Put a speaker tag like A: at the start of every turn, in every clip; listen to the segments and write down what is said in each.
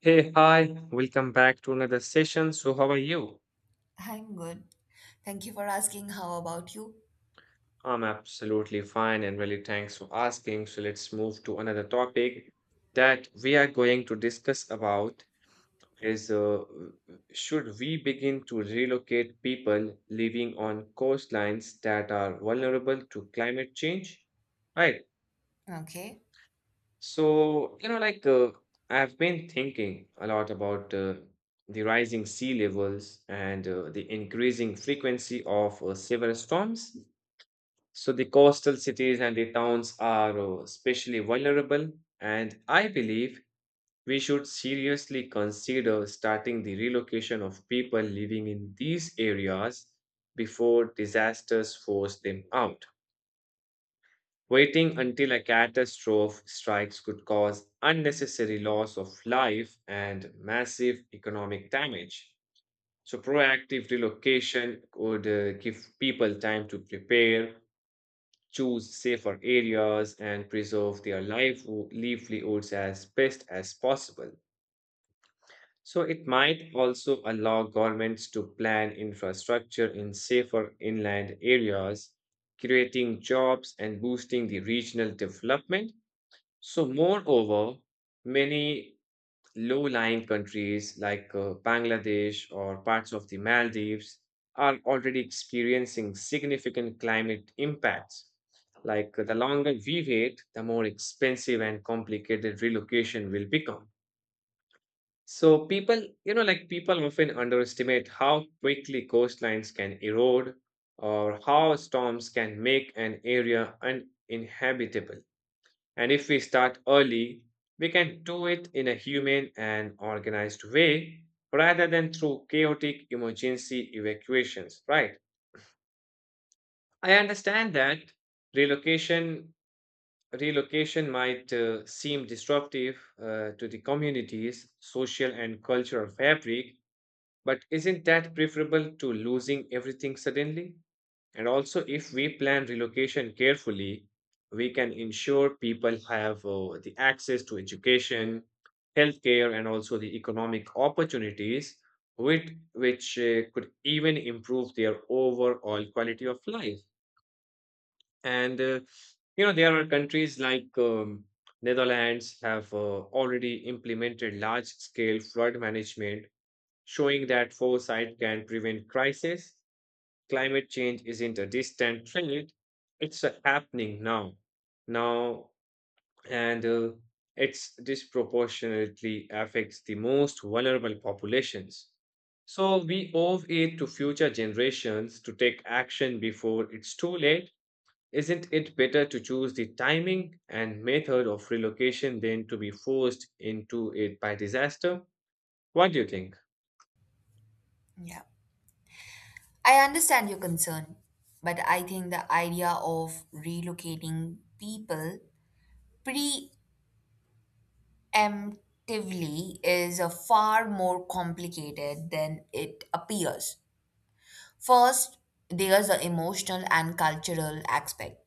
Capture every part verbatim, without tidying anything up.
A: Hey, hi, welcome back to another session. So, how are you?
B: I'm good. Thank you for asking. How about you?
A: I'm absolutely fine and really thanks for asking. So, let's move to another topic that we are going to discuss about is uh, should we begin to relocate people living on coastlines that are vulnerable to climate change? Right.
B: Okay.
A: So, you know, like uh, I've been thinking a lot about uh, the rising sea levels and uh, the increasing frequency of uh, severe storms. So, the coastal cities and the towns are uh, especially vulnerable, and I believe we should seriously consider starting the relocation of people living in these areas before disasters force them out. Waiting until a catastrophe strikes could cause unnecessary loss of life and massive economic damage. So, proactive relocation could uh, give people time to prepare, choose safer areas, and preserve their life- livelihoods as best as possible. So, it might also allow governments to plan infrastructure in safer inland areas, creating jobs and boosting the regional development. So, moreover, many low lying countries like uh, Bangladesh or parts of the Maldives are already experiencing significant climate impacts. Like uh, the longer we wait, the more expensive and complicated relocation will become. So, people, you know, like people often underestimate how quickly coastlines can erode or how storms can make an area uninhabitable. And if we start early, we can do it in a humane and organized way rather than through chaotic emergency evacuations, right? I understand that relocation relocation might uh, seem disruptive uh, to the community's social and cultural fabric, but isn't that preferable to losing everything suddenly? And also, if we plan relocation carefully, we can ensure people have uh, the access to education, healthcare, and also the economic opportunities, which, which uh, could even improve their overall quality of life. And uh, you know, there are countries like um, Netherlands have uh, already implemented large-scale flood management, showing that foresight can prevent crisis. Climate change isn't a distant threat. It's uh, happening now now, and uh, it's disproportionately affects the most vulnerable populations. So we owe it to future generations to take action before it's too late. Isn't it better to choose the timing and method of relocation than to be forced into it by disaster? What do you think?
B: Yeah. I understand your concern, but I think the idea of relocating people preemptively is a far more complicated than it appears. First, there's the emotional and cultural aspect.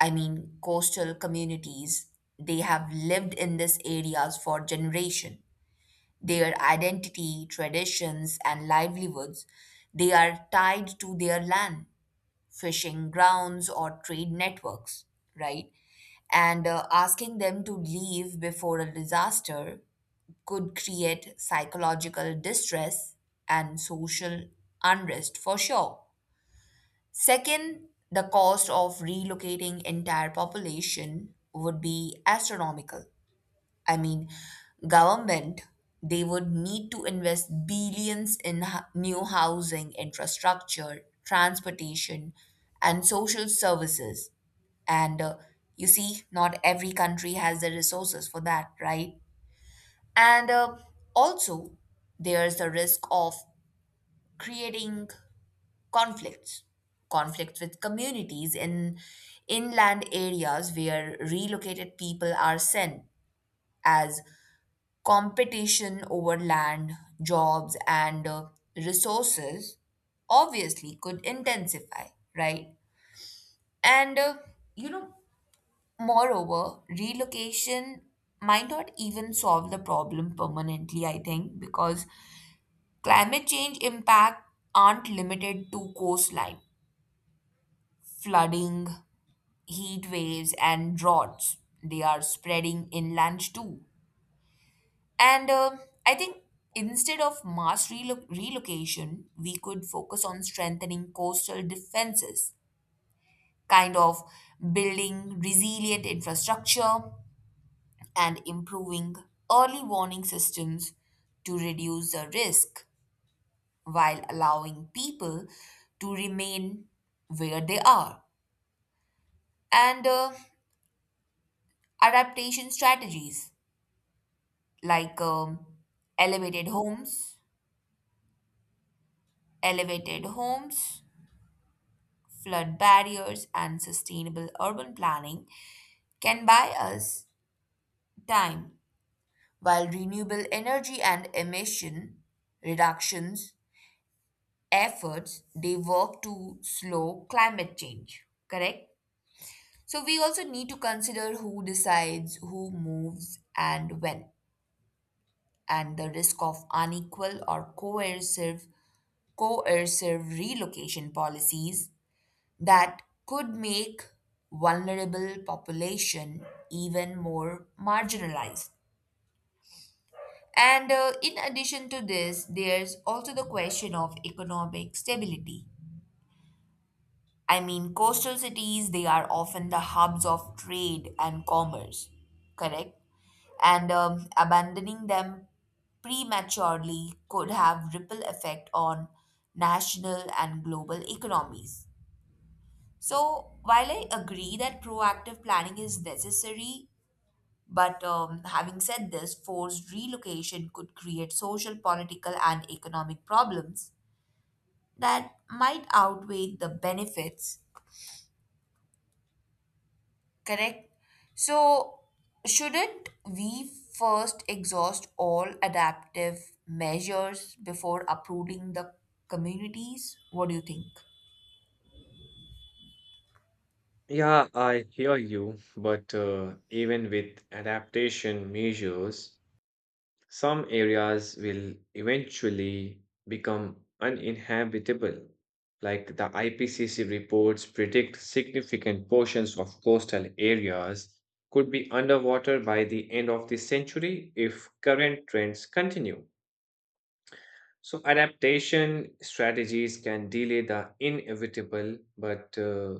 B: I mean, coastal communities, they have lived in these areas for generation. Their identity, traditions, and livelihoods. They are tied to their land, fishing grounds, or trade networks, right? And uh, asking them to leave before a disaster could create psychological distress and social unrest for sure. Second, the cost of relocating entire population would be astronomical. I mean, government, they would need to invest billions in ho- new housing, infrastructure, transportation, and social services. And uh, you see, not every country has the resources for that, right? And uh, also, there's the risk of creating conflicts, conflicts with communities in inland areas where relocated people are sent as competition over land, jobs, and uh, resources obviously could intensify, right? And, uh, you know, moreover, relocation might not even solve the problem permanently, I think, because climate change impact aren't limited to coastline, flooding, heat waves, and droughts. They are spreading inland too. And um I think instead of mass relo- relocation, we could focus on strengthening coastal defenses, kind of building resilient infrastructure and improving early warning systems to reduce the risk while allowing people to remain where they are. And uh, adaptation strategies like um, elevated homes elevated homes flood barriers, and sustainable urban planning can buy us time, while renewable energy and emission reductions efforts they work to slow climate change, correct? So we also need to consider who decides who moves and when, and the risk of unequal or coercive coercive relocation policies that could make vulnerable population even more marginalized. And uh, in addition to this, there's also the question of economic stability. I mean, coastal cities, they are often the hubs of trade and commerce, correct? And um, abandoning them prematurely could have ripple effect on national and global economies. So, while I agree that proactive planning is necessary, but um, having said this, forced relocation could create social, political, and economic problems that might outweigh the benefits. Correct? So, shouldn't we first exhaust all adaptive measures before uprooting the communities? What do you think?
A: Yeah, I hear you, but uh, even with adaptation measures, some areas will eventually become uninhabitable. Like the I P C C reports predict significant portions of coastal areas could be underwater by the end of the century if current trends continue. So, adaptation strategies can delay the inevitable but uh,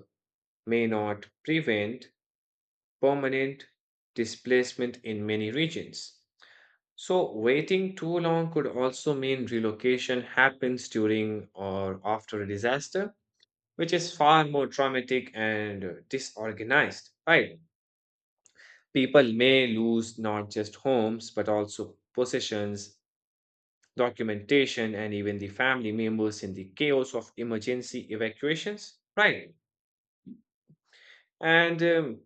A: may not prevent permanent displacement in many regions. So, waiting too long could also mean relocation happens during or after a disaster, which is far more traumatic and uh, disorganized, right? People may lose not just homes, but also possessions, documentation, and even the family members in the chaos of emergency evacuations, right? And um,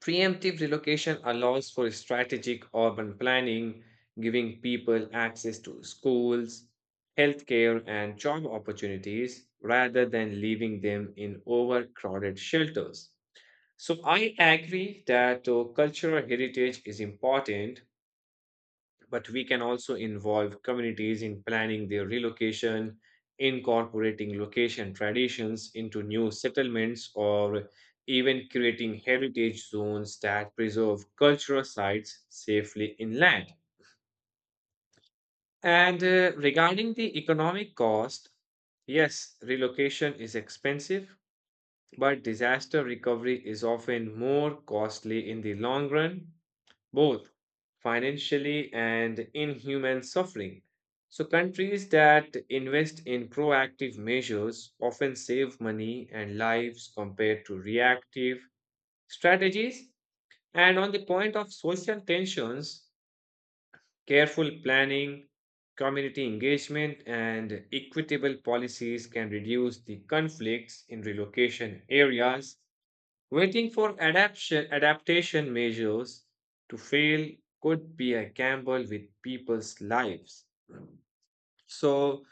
A: preemptive relocation allows for strategic urban planning, giving people access to schools, healthcare, and job opportunities rather than leaving them in overcrowded shelters. So, I agree that uh, cultural heritage is important, but we can also involve communities in planning their relocation, incorporating location traditions into new settlements, or even creating heritage zones that preserve cultural sites safely inland. And uh, regarding the economic cost, yes, relocation is expensive, but disaster recovery is often more costly in the long run, both financially and in human suffering. So, countries that invest in proactive measures often save money and lives compared to reactive strategies. And on the point of social tensions, careful planning, community engagement, and equitable policies can reduce the conflicts in relocation areas. Waiting for adaptation, adaptation measures to fail could be a gamble with people's lives. So,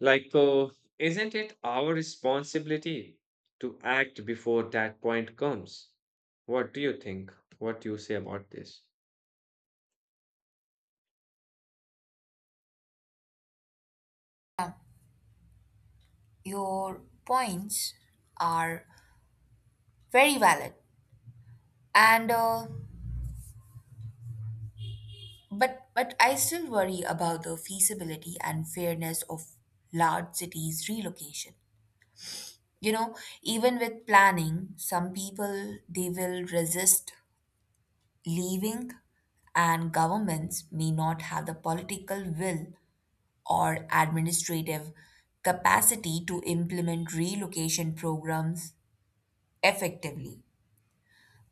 A: like, uh, isn't it our responsibility to act before that point comes? What do you think? What do you say about this?
B: Your points are very valid. And uh, But but I still worry about the feasibility and fairness of large cities relocation. You know, even with planning, some people they will resist leaving and governments may not have the political will or administrative capacity to implement relocation programs effectively.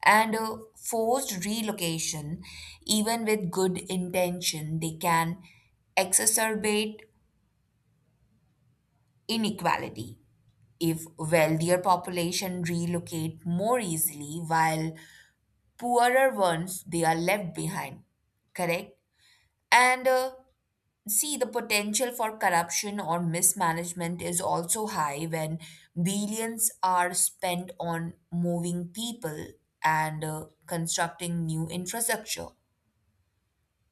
B: And uh, forced relocation, even with good intention, they can exacerbate inequality. If wealthier population relocate more easily while poorer ones they are left behind, correct? And uh, see, the potential for corruption or mismanagement is also high when billions are spent on moving people and uh, constructing new infrastructure.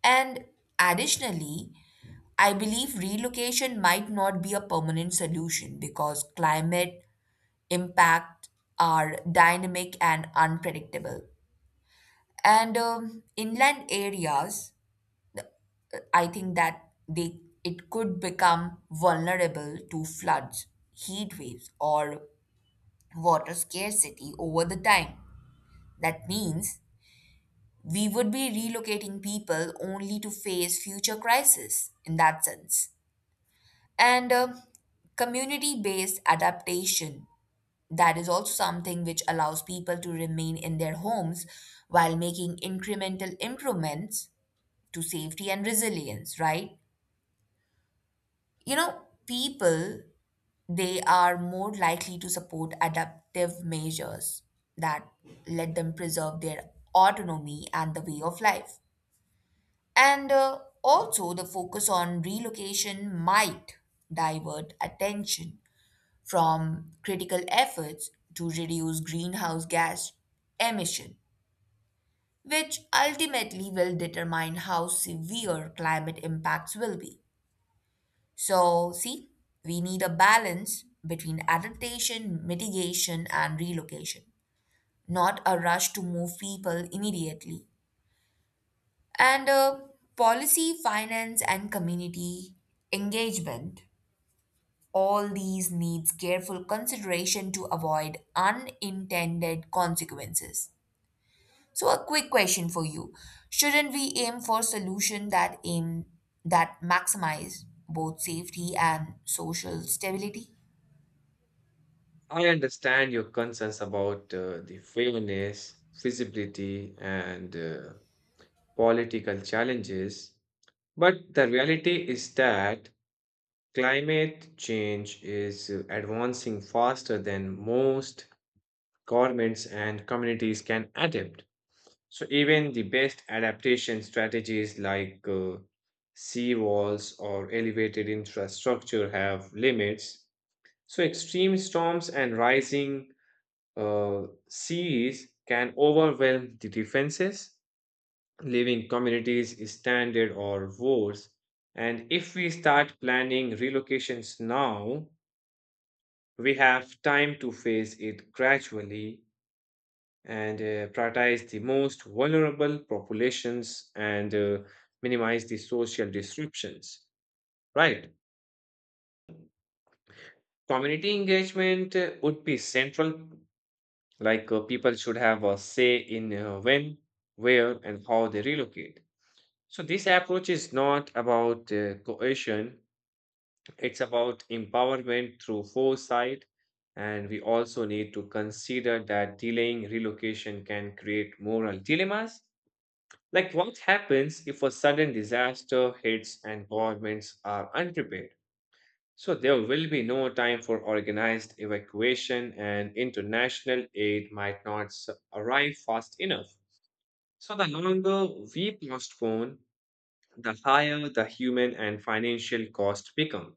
B: And additionally, I believe relocation might not be a permanent solution because climate impact are dynamic and unpredictable. And um, inland areas, I think that they it could become vulnerable to floods, heat waves, or water scarcity over the time. That means we would be relocating people only to face future crises in that sense. And um, community based adaptation. That is also something which allows people to remain in their homes while making incremental improvements to safety and resilience, right? You know, people, they are more likely to support adaptive measures that let them preserve their autonomy and the way of life. And uh, also, the focus on relocation might divert attention from critical efforts to reduce greenhouse gas emission, which ultimately will determine how severe climate impacts will be. So, see, we need a balance between adaptation, mitigation, and relocation, not a rush to move people immediately. And uh, policy, finance, and community engagement. All these needs careful consideration to avoid unintended consequences. So a quick question for you. Shouldn't we aim for solution that aim that maximize both safety and social stability?
A: I understand your concerns about uh, the fairness, feasibility, and uh, political challenges, but the reality is that climate change is uh, advancing faster than most governments and communities can adapt. So, even the best adaptation strategies like uh, sea walls or elevated infrastructure have limits. So, extreme storms and rising uh, seas can overwhelm the defenses, leaving communities stranded or worse. And if we start planning relocations now, we have time to phase it gradually and uh, prioritize the most vulnerable populations and uh, minimize the social disruptions. Right. Community engagement uh, would be central, like uh, people should have a say in uh, when, where, and how they relocate. So, this approach is not about uh, coercion, it's about empowerment through foresight, and we also need to consider that delaying relocation can create moral dilemmas. Like, what happens if a sudden disaster hits and governments are unprepared? So, there will be no time for organized evacuation, and international aid might not s- arrive fast enough. So, the longer we postpone, the higher the human and financial cost become.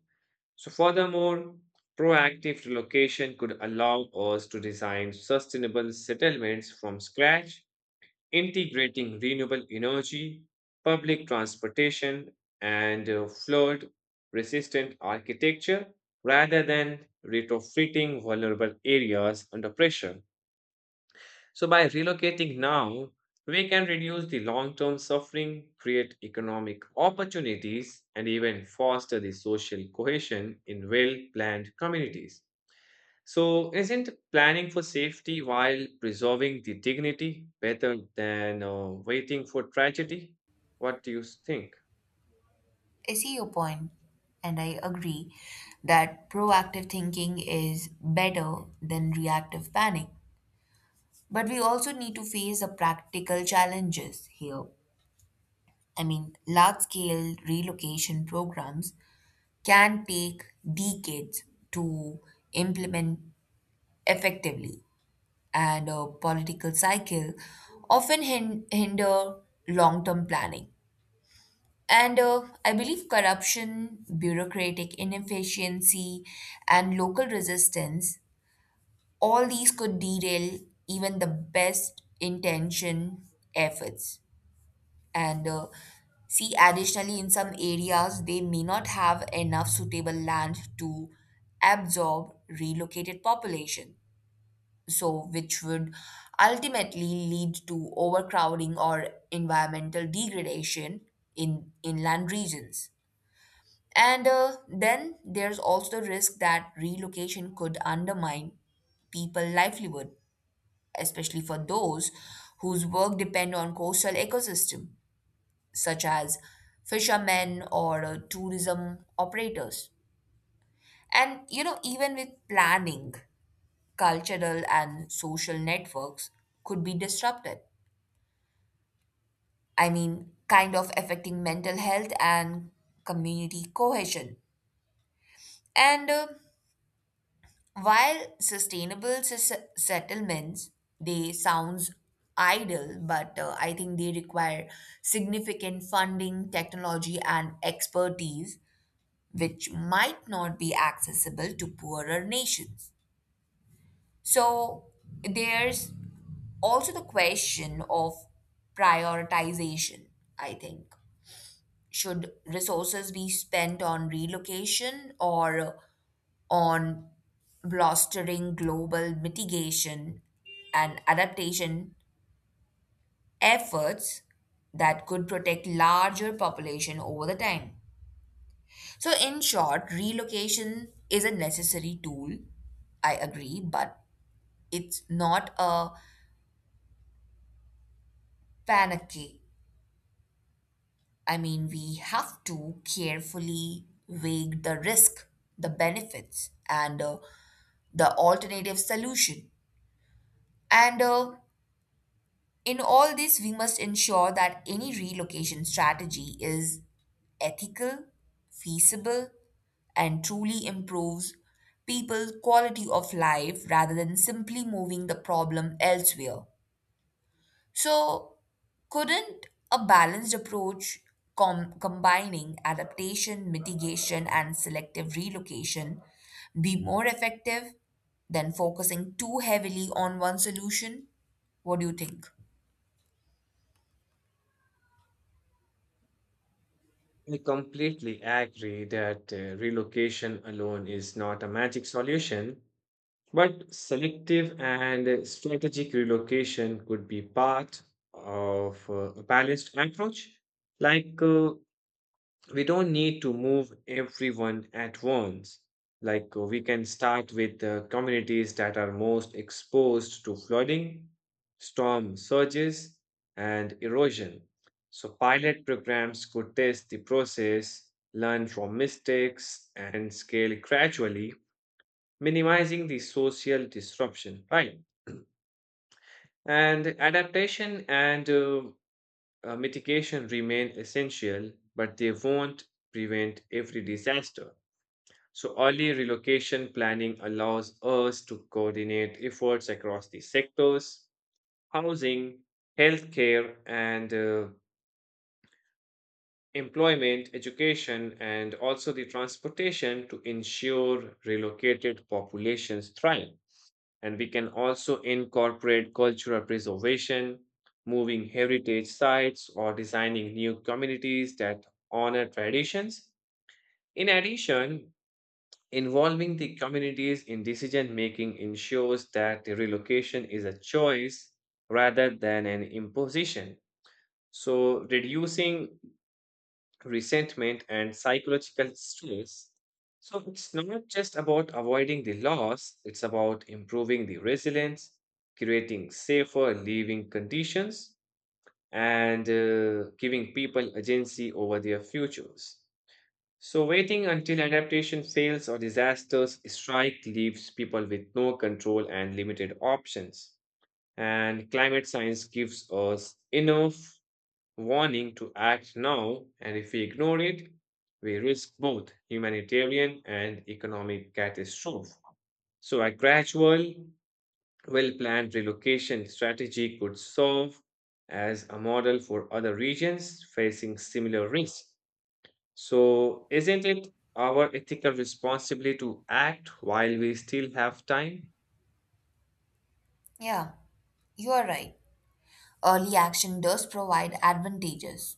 A: So, furthermore, proactive relocation could allow us to design sustainable settlements from scratch, integrating renewable energy, public transportation, and uh, flood resistant architecture rather than retrofitting vulnerable areas under pressure. So, by relocating now, we can reduce the long term suffering, create economic opportunities, and even foster the social cohesion in well planned communities. So, isn't planning for safety while preserving the dignity better than uh, waiting for tragedy? What do you think?
B: I see your point and I agree that proactive thinking is better than reactive panic. But we also need to face the practical challenges here. I mean, large scale relocation programs can take decades to implement effectively, and a political cycle often hin- hinder long term planning. And uh, I believe corruption, bureaucratic inefficiency, and local resistance, all these could derail even the best intention efforts. And uh, see, additionally, in some areas, they may not have enough suitable land to absorb relocated population. So, which would ultimately lead to overcrowding or environmental degradation in inland regions. And uh, then there's also the risk that relocation could undermine people livelihood, especially for those whose work depend on coastal ecosystem such as fishermen or uh, tourism operators. And you know, even with planning, cultural and social networks could be disrupted. I mean, kind of affecting mental health and community cohesion. And uh, while sustainable s- settlements, they sounds idle, but uh, I think they require significant funding, technology, and expertise which might not be accessible to poorer nations. So there's also the question of prioritization, I think. Should resources be spent on relocation or on bolstering global mitigation and adaptation efforts that could protect larger population over the time? So, in short, relocation is a necessary tool. I agree, but it's not a panacea. I mean, we have to carefully weigh the risk, the benefits, and uh, the alternative solution. And uh, in all this, we must ensure that any relocation strategy is ethical, feasible, and truly improves people's quality of life rather than simply moving the problem elsewhere. So, couldn't a balanced approach com- combining adaptation, mitigation, and selective relocation be more effective than focusing too heavily on one solution? What do you think?
A: I completely agree that uh, relocation alone is not a magic solution. But selective and strategic relocation could be part of uh, a balanced approach. Like, uh, we don't need to move everyone at once. Like, uh, we can start with the communities that are most exposed to flooding, storm surges, and erosion. So, pilot programs could test the process, learn from mistakes, and scale gradually, minimizing the social disruption, right? And adaptation and uh, uh, mitigation remain essential, but they won't prevent every disaster. So, early relocation planning allows us to coordinate efforts across the sectors: housing, healthcare, and uh, employment, education, and also the transportation to ensure relocated populations thrive. And we can also incorporate cultural preservation, moving heritage sites, or designing new communities that honor traditions. In addition, involving the communities in decision making ensures that the relocation is a choice rather than an imposition. So, reducing resentment, and psychological stress. So it's not just about avoiding the loss, it's about improving the resilience, creating safer living conditions, and uh, giving people agency over their futures. So waiting until adaptation fails or disasters strike leaves people with no control and limited options. And climate science gives us enough warning to act now, and if we ignore it, we risk both humanitarian and economic catastrophe. So, a gradual, well planned relocation strategy could serve as a model for other regions facing similar risks. So, isn't it our ethical responsibility to act while we still have time?
B: Yeah. You are right. Early action does provide advantages,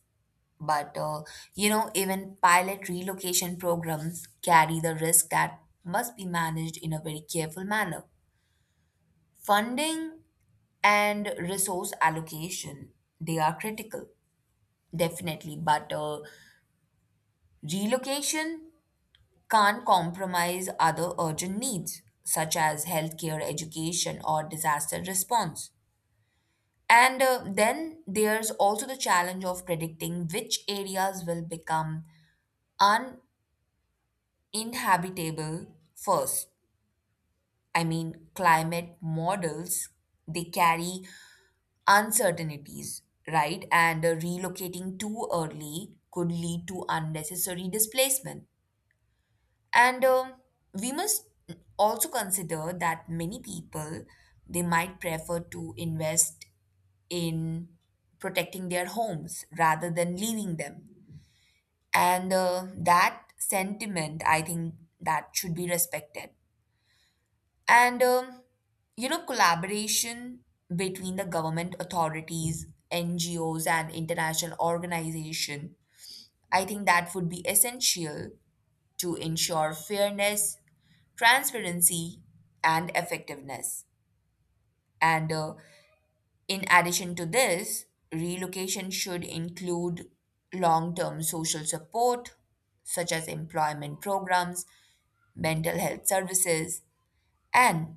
B: but uh, you know, even pilot relocation programs carry the risk that must be managed in a very careful manner. Funding and resource allocation, they are critical, definitely, but uh, relocation can't compromise other urgent needs such as healthcare, education, or disaster response. And uh, then there's also the challenge of predicting which areas will become uninhabitable first. I mean, climate models, they carry uncertainties, right? And uh, relocating too early could lead to unnecessary displacement. And um, we must also consider that many people, they might prefer to invest in protecting their homes rather than leaving them. And uh, that sentiment, I think, that should be respected. And um, you know, collaboration between the government authorities, N G Os, and international organization, I think that would be essential to ensure fairness, transparency, and effectiveness. And uh, in addition to this, relocation should include long term social support, such as employment programs, mental health services, and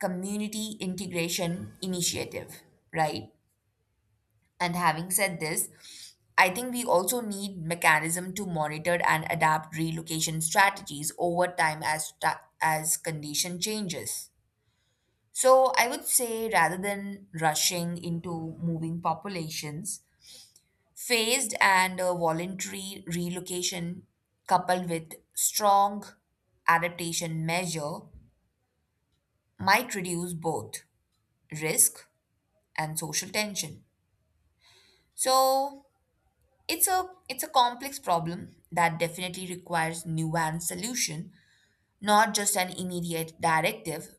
B: community integration initiative, right? And having said this, I think we also need mechanism to monitor and adapt relocation strategies over time as ta- as condition changes. So I would say rather than rushing into moving populations, phased and uh, voluntary relocation, coupled with strong adaptation measure, might reduce both risk and social tension. So it's a it's a complex problem that definitely requires nuanced solution, not just an immediate directive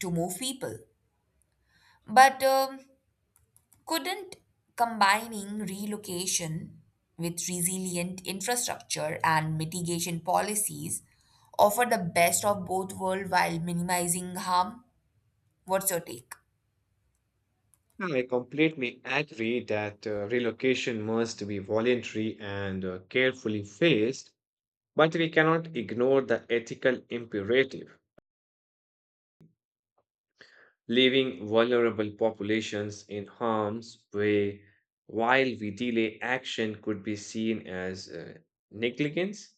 B: to move people. But um, couldn't combining relocation with resilient infrastructure and mitigation policies offer the best of both worlds while minimizing harm? What's your take?
A: No, I completely agree that uh, relocation must be voluntary and uh, carefully phased, but we cannot ignore the ethical imperative. Leaving vulnerable populations in harm's way while we delay action could be seen as uh, negligence.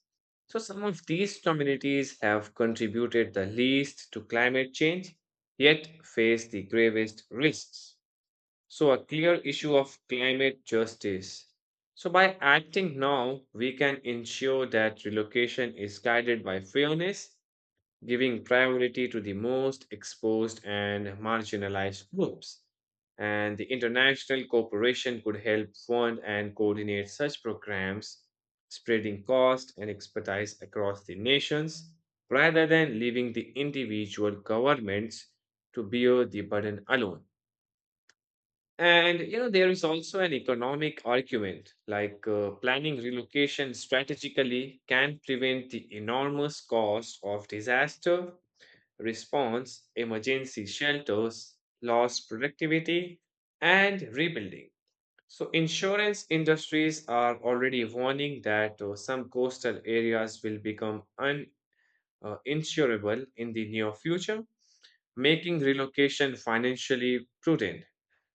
A: So, some of these communities have contributed the least to climate change, yet face the gravest risks. So, a clear issue of climate justice. So, by acting now, we can ensure that relocation is guided by fairness, giving priority to the most exposed and marginalized groups. And the international cooperation could help fund and coordinate such programs, spreading cost and expertise across the nations rather than leaving the individual governments to bear the burden alone. And you know, there is also an economic argument like uh, planning relocation strategically can prevent the enormous cost of disaster response, emergency shelters, lost productivity, and rebuilding. So insurance industries are already warning that uh, some coastal areas will become uninsurable in the near future, making relocation financially prudent.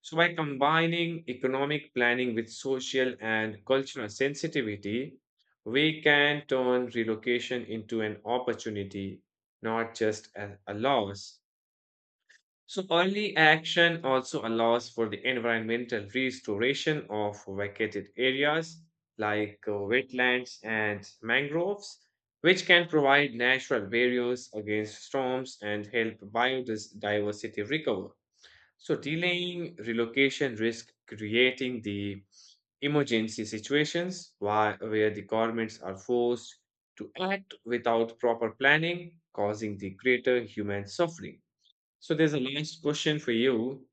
A: So by combining economic planning with social and cultural sensitivity, we can turn relocation into an opportunity, not just a a loss. So early action also allows for the environmental restoration of vacated areas like uh, wetlands and mangroves, which can provide natural barriers against storms and help biodiversity recover. So delaying relocation risk creating the emergency situations whi- where the governments are forced to act without proper planning, causing the greater human suffering. So there's a last question for you.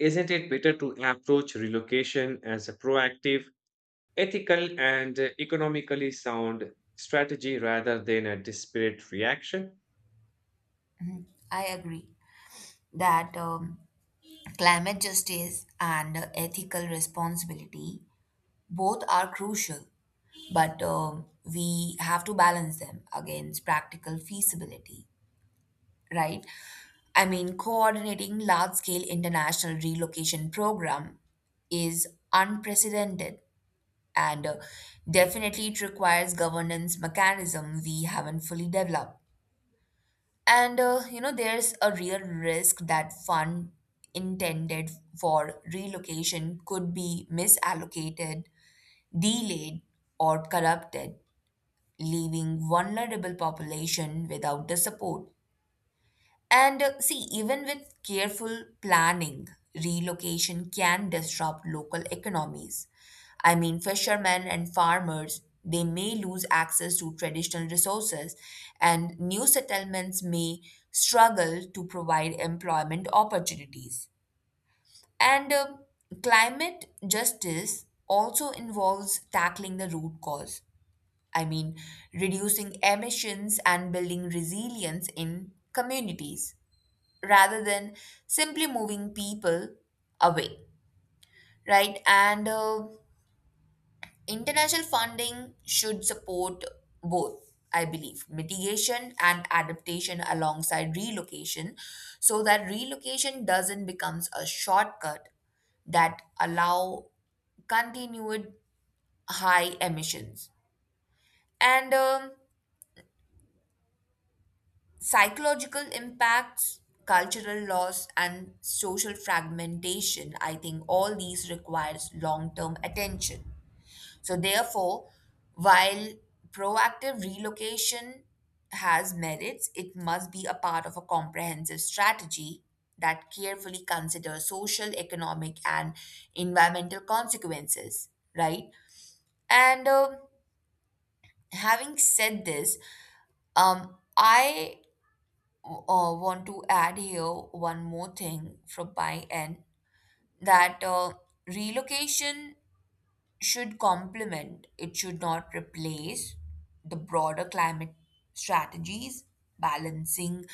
A: Isn't it better to approach relocation as a proactive, ethical, and uh, economically sound strategy rather than a desperate reaction?
B: I agree that um, climate justice and ethical responsibility both are crucial, but um, we have to balance them against practical feasibility, right? I mean, coordinating large scale international relocation program is unprecedented and uh, definitely it requires governance mechanism we haven't fully developed. And uh, you know, there's a real risk that fund intended for relocation could be misallocated, delayed, or corrupted, leaving vulnerable population without the support. And uh, see, even with careful planning, relocation can disrupt local economies. I mean, fishermen and farmers, they may lose access to traditional resources, and new settlements may struggle to provide employment opportunities. And uh, climate justice also involves tackling the root cause. I mean, reducing emissions and building resilience in communities rather than simply moving people away, right? And uh, international funding should support both, I believe, mitigation and adaptation alongside relocation, so that relocation doesn't becomes a shortcut that allow continued high emissions. And um, psychological impacts, cultural loss, and social fragmentation, I think all these requires long-term attention. So therefore, while proactive relocation has merits, it must be a part of a comprehensive strategy that carefully considers social, economic, and environmental consequences, right? And um having said this, um, I uh, want to add here one more thing from my end that uh, relocation should complement, it should not replace the broader climate strategies, balancing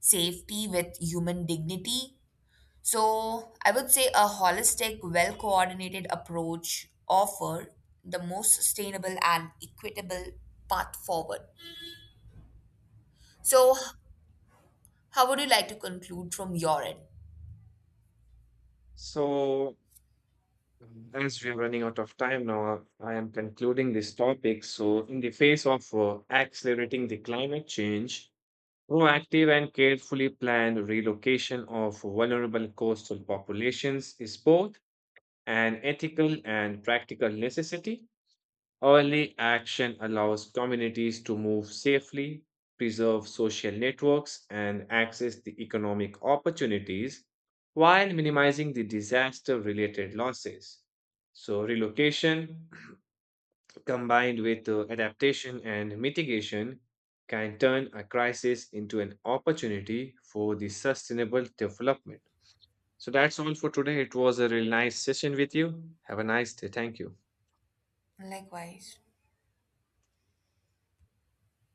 B: safety with human dignity. So, I would say a holistic, well coordinated approach offer the most sustainable and equitable path forward. So, how would you like to conclude from your end?
A: So, um, as we are running out of time now, I am concluding this topic. So, in the face of uh, accelerating the climate change, proactive and carefully planned relocation of vulnerable coastal populations is both an ethical and practical necessity. Early action allows communities to move safely, preserve social networks, and access the economic opportunities while minimizing the disaster related losses. So, relocation combined with uh, adaptation and mitigation can turn a crisis into an opportunity for the sustainable development. So, that's all for today. It was a really nice session with you. Have a nice day. Thank you.
B: Likewise.